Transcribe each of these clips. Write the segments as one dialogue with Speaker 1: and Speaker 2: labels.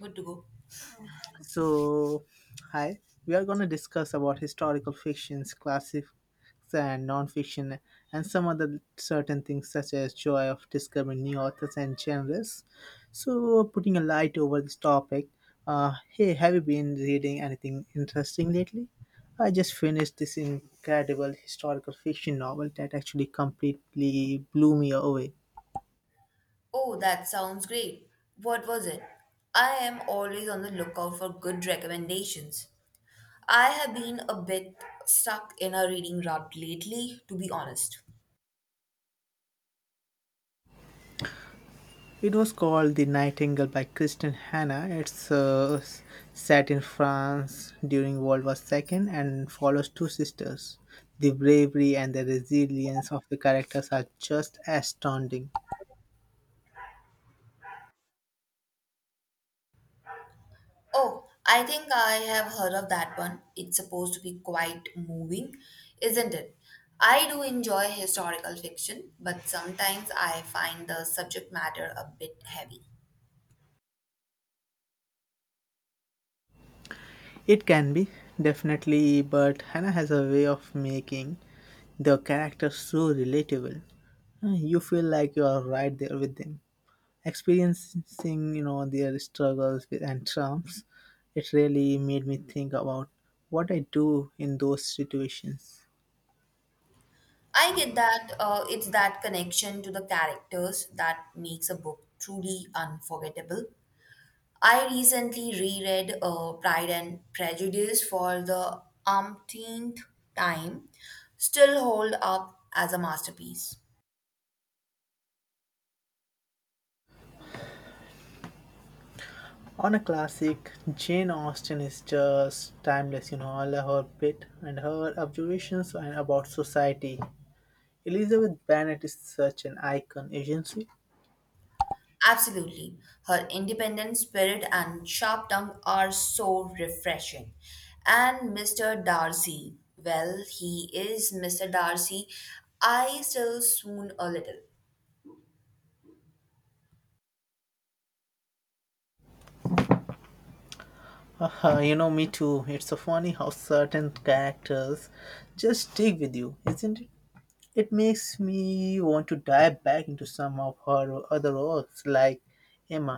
Speaker 1: Good to go.
Speaker 2: So, hi, we are going to discuss about historical fictions, classics, and non-fiction, and some other certain things such as joy of discovering new authors and genres. So, putting a light over this topic, hey, have you been reading anything interesting lately? I just finished this incredible historical fiction novel that actually completely blew me away.
Speaker 1: Oh, that sounds great. What was it? I am always on the lookout for good recommendations. I have been a bit stuck in a reading rut lately, to be honest.
Speaker 2: It was called The Nightingale by Kristen Hanna. It's set in France during World War II and follows two sisters. The bravery and the resilience of the characters are just astounding.
Speaker 1: Oh, I think I have heard of that one. It's supposed to be quite moving, isn't it? I do enjoy historical fiction, but sometimes I find the subject matter a bit heavy.
Speaker 2: It can be, definitely, but Hannah has a way of making the characters so relatable. You feel like you are right there with them. Experiencing their struggles with and triumphs. It really made me think about what I do in those situations.
Speaker 1: I get that, it's that connection to the characters that makes a book truly unforgettable. I recently reread Pride and Prejudice for the umpteenth time, still hold up as a masterpiece.
Speaker 2: On a classic, Jane Austen is just timeless, you know, all her wit and her observations and about society. Elizabeth Bennet is such an icon is agency.
Speaker 1: Absolutely. Her independent spirit and sharp tongue are so refreshing. And Mr. Darcy, well, he is Mr. Darcy. I still swoon a little.
Speaker 2: You know, me too. It's so funny how certain characters just stick with you, isn't it? It makes me want to dive back into some of her other works, like Emma.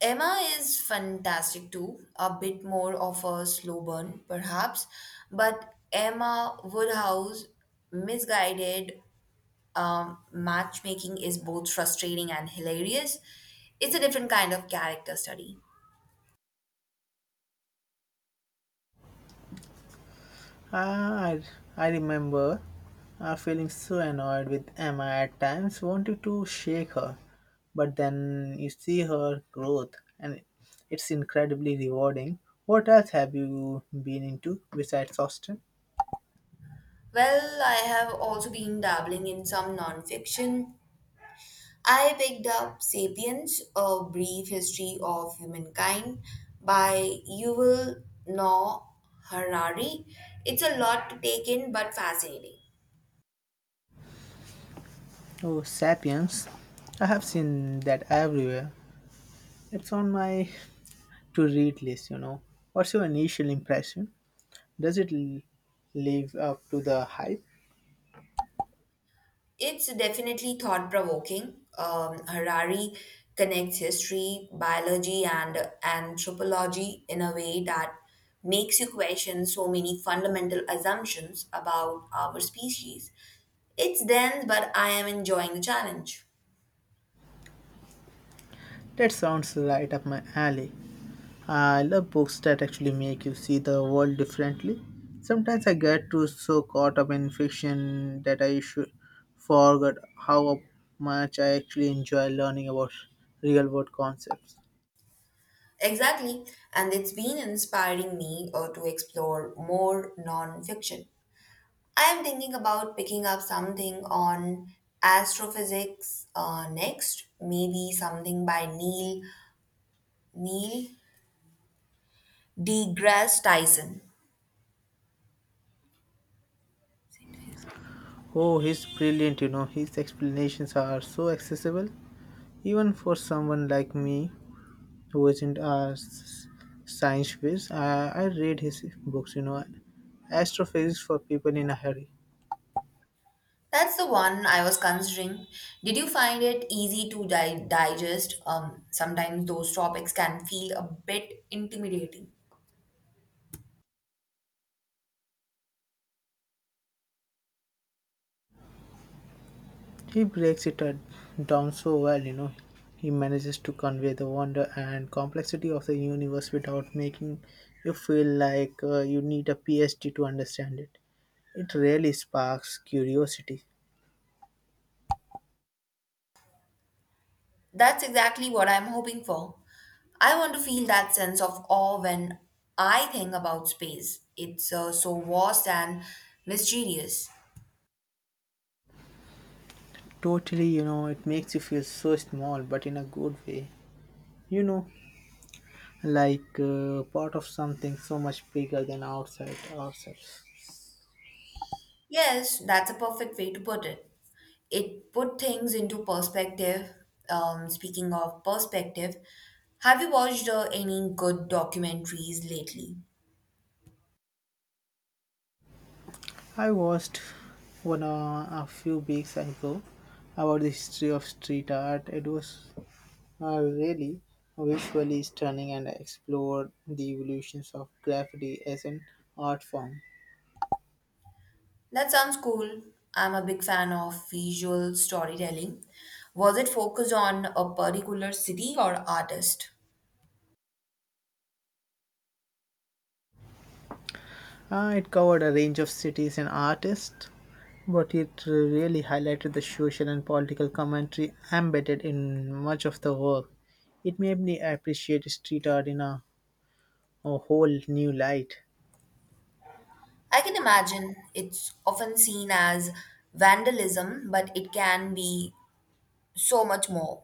Speaker 1: Emma is fantastic too, a bit more of a slow burn perhaps, but Emma Woodhouse misguided matchmaking is both frustrating and hilarious. It's a different kind of character study.
Speaker 2: Ah, I, I remember feeling so annoyed with Emma at times, wanting to shake her. But then you see her growth, and it's incredibly rewarding. What else have you been into besides Austin?
Speaker 1: Well, I have also been dabbling in some nonfiction. I picked up Sapiens, A Brief History of Humankind by Yuval Noah Harari. It's a lot to take in, but fascinating.
Speaker 2: Oh, Sapiens. I have seen that everywhere. It's on my to read list, you know. What's your initial impression? Does it l- live up to the hype?
Speaker 1: It's definitely thought provoking. Harari connects history, biology, and anthropology in a way that makes you question so many fundamental assumptions about our species. It's dense, but I am enjoying the challenge.
Speaker 2: That sounds right up my alley. I love books that actually make you see the world differently. Sometimes I get too so caught up in fiction that I should forget how much I actually enjoy learning about real world concepts.
Speaker 1: Exactly, and it's been inspiring me to explore more nonfiction. I am thinking about picking up something on astrophysics next, maybe something by Neil deGrasse Tyson.
Speaker 2: Oh, he's brilliant, you know, his explanations are so accessible, even for someone like me who isn't a s- science whiz. I read his books, you know, Astrophysics for People in a Hurry.
Speaker 1: That's the one I was considering. Did you find it easy to digest? Sometimes those topics can feel a bit intimidating.
Speaker 2: He breaks it down so well, you know. He manages to convey the wonder and complexity of the universe without making you feel like you need a PhD to understand it. It really sparks curiosity.
Speaker 1: That's exactly what I'm hoping for. I want to feel that sense of awe when I think about space. It's so vast and mysterious.
Speaker 2: Totally, you know, it makes you feel so small, but in a good way. You know, like part of something so much bigger than outside ourselves.
Speaker 1: Yes, that's a perfect way to put it. It put things into perspective. Speaking of perspective, have you watched any good documentaries lately?
Speaker 2: I watched one a few weeks ago about the history of street art. It was really visually stunning and explored the evolutions of graffiti as an art form.
Speaker 1: That sounds cool. I'm a big fan of visual storytelling. Was it focused on a particular city or artist?
Speaker 2: It covered a range of cities and artists, but it really highlighted the social and political commentary embedded in much of the work. It made me appreciate street art in a whole new light.
Speaker 1: I can imagine it's often seen as vandalism, but it can be so much more.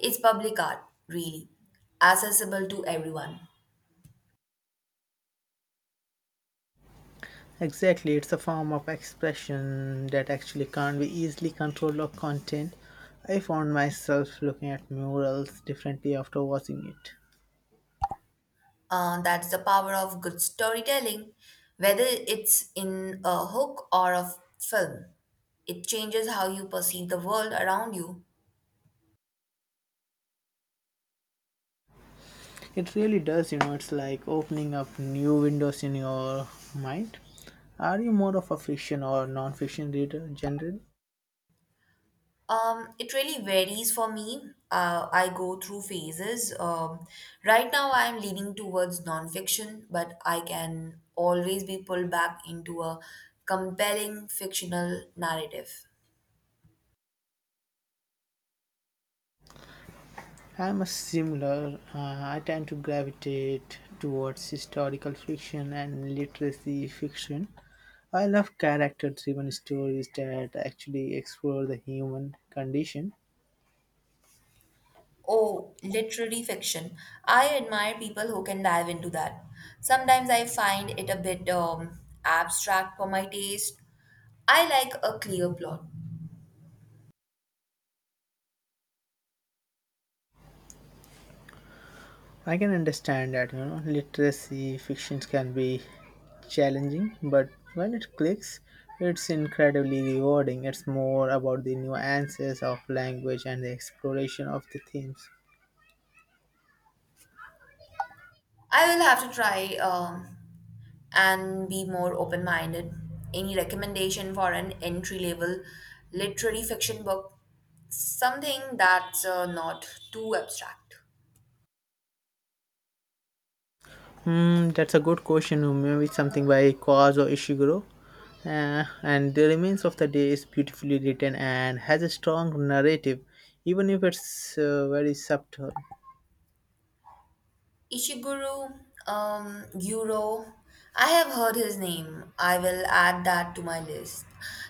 Speaker 1: It's public art, really, accessible to everyone.
Speaker 2: Exactly, it's a form of expression that actually can't be easily controlled or contained. I found myself looking at murals differently after watching it.
Speaker 1: That's the power of good storytelling. Whether it's in a hook or a film, it changes how you perceive the world around you.
Speaker 2: It really does, you know, it's like opening up new windows in your mind. Are you more of a fiction or non fiction reader generally?
Speaker 1: It really varies for me. I go through phases. Right now, I'm leaning towards nonfiction, but I can always be pulled back into a compelling fictional narrative.
Speaker 2: I'm a similar. I tend to gravitate towards historical fiction and literacy fiction. I love character driven stories that actually explore the human condition.
Speaker 1: Oh, literary fiction. I admire people who can dive into that. Sometimes I find it a bit abstract for my taste. I like a clear plot.
Speaker 2: I can understand that, you know, literacy fictions can be challenging, but when it clicks, it's incredibly rewarding. It's more about the nuances of language and the exploration of the themes.
Speaker 1: I will have to try and be more open minded. Any recommendation for an entry level literary fiction book? Something that's not too abstract.
Speaker 2: Hmm, that's a good question. Maybe something by Kazuo Ishiguro. And The Remains of the Day is beautifully written and has a strong narrative, even if it's very subtle.
Speaker 1: Ishiguro, Guro. I have heard his name. I will add that to my list.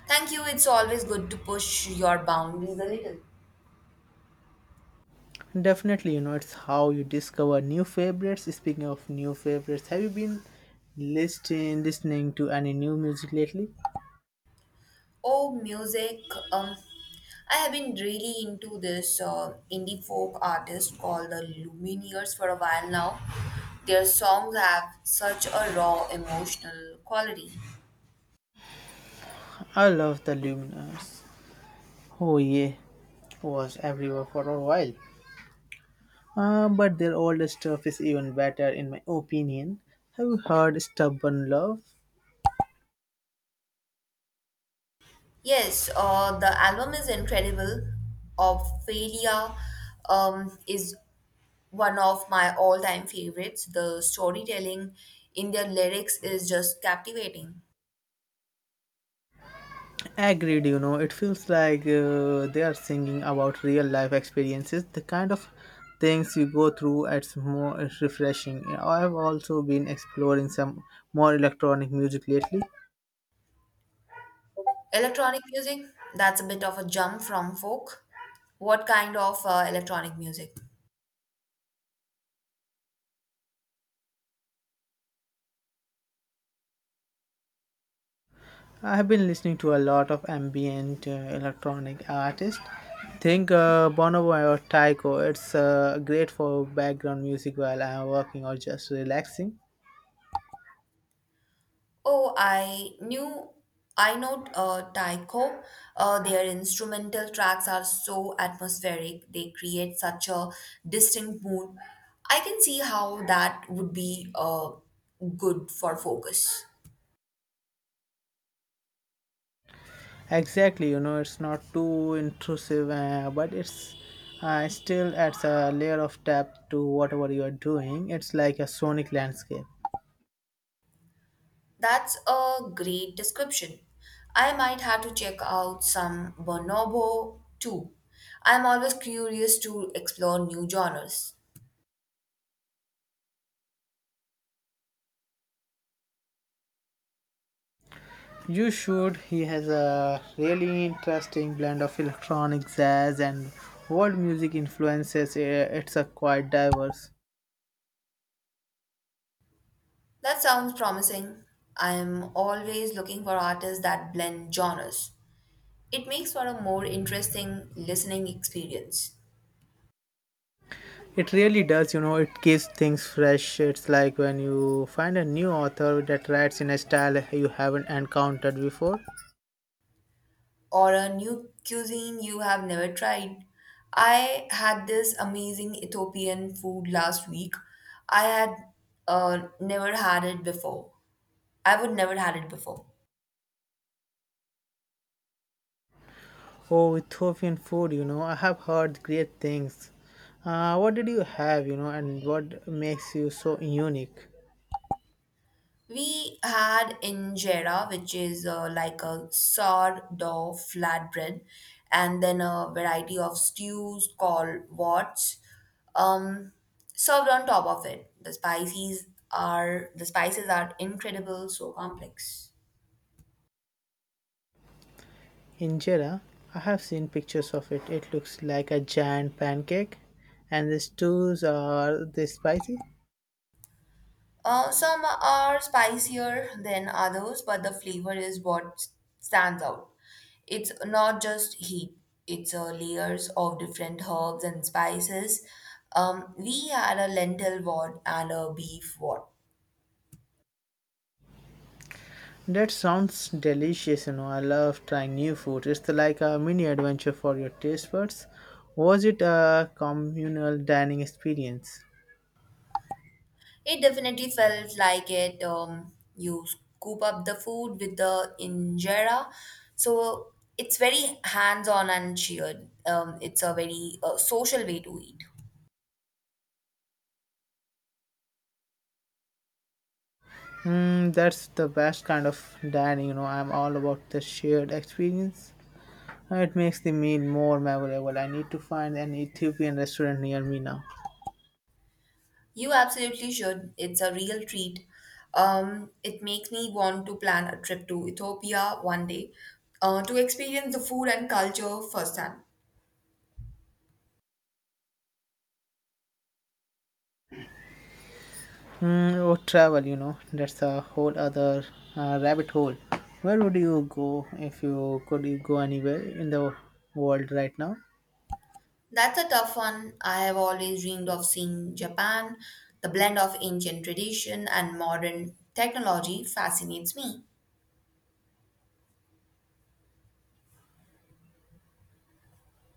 Speaker 1: Thank you. It's always good to push your boundaries a little.
Speaker 2: Definitely, you know, it's how you discover new favorites. Speaking of new favorites, have you been listening to any new music lately?
Speaker 1: Oh, music. Um, I have been really into this indie folk artist called the Lumineers for a while now. Their songs have such a raw emotional quality.
Speaker 2: I love the Luminous. Oh yeah, was everywhere for a while. But their older stuff is even better in my opinion. Have you heard Stubborn Love?
Speaker 1: Yes, the album is incredible. Ophelia, is one of my all time favorites. The storytelling in their lyrics is just captivating.
Speaker 2: Agreed, you know, it feels like they are singing about real life experiences, the kind of things you go through. It's refreshing. I've also been exploring some more electronic music lately.
Speaker 1: Electronic music, that's a bit of a jump from folk. What kind of electronic music?
Speaker 2: I have been listening to a lot of ambient electronic artists. Think Bonobo or Taiko. It's great for background music while I'm working or just relaxing.
Speaker 1: Oh, I knew, I know, Taiko. Their instrumental tracks are so atmospheric, they create such a distinct mood. I can see how that would be good for focus.
Speaker 2: Exactly, you know, it's not too intrusive, but it's still adds a layer of depth to whatever you are doing. It's like a sonic landscape.
Speaker 1: That's a great description. I might have to check out some bonobo too. I'm always curious to explore new genres.
Speaker 2: You should. He has a really interesting blend of electronic jazz and world music influences. It's a quite diverse.
Speaker 1: That sounds promising. I'm always looking for artists that blend genres. It makes for a more interesting listening experience.
Speaker 2: It really does, you know, it keeps things fresh. It's like when you find a new author that writes in a style you haven't encountered before.
Speaker 1: Or a new cuisine you have never tried. I had this amazing Ethiopian food last week. I had never had it before. I would never had it before.
Speaker 2: Oh, Ethiopian food, you know, I have heard great things. What did you have, you know, and what makes you so unique?
Speaker 1: We had injera, which is like a sourdough flatbread, and then a variety of stews called wats, um, served on top of it. The spices are incredible, so complex.
Speaker 2: Injera, I have seen pictures of it. It looks like a giant pancake, and the stews are they spicy?
Speaker 1: Some are spicier than others, but the flavor is what stands out. It's not just heat, it's layers of different herbs and spices. We had a lentil wad and a beef wad.
Speaker 2: That sounds delicious, you know. I love trying new food. It's like a mini adventure for your taste buds. Was it a communal dining experience?
Speaker 1: It definitely felt like it. You scoop up the food with the injera, so it's very hands on and shared. It's a very social way to eat.
Speaker 2: Mm, that's the best kind of dining, you know. I'm all about the shared experience. It makes the meal more memorable. I need to find an Ethiopian restaurant near me now.
Speaker 1: You absolutely should. It's a real treat. It makes me want to plan a trip to Ethiopia one day to experience the food and culture firsthand.
Speaker 2: Mm, or travel, you know. That's a whole other rabbit hole. Where would you go if you could you go anywhere in the world right now?
Speaker 1: That's a tough one. I have always dreamed of seeing Japan. The blend of ancient tradition and modern technology fascinates me.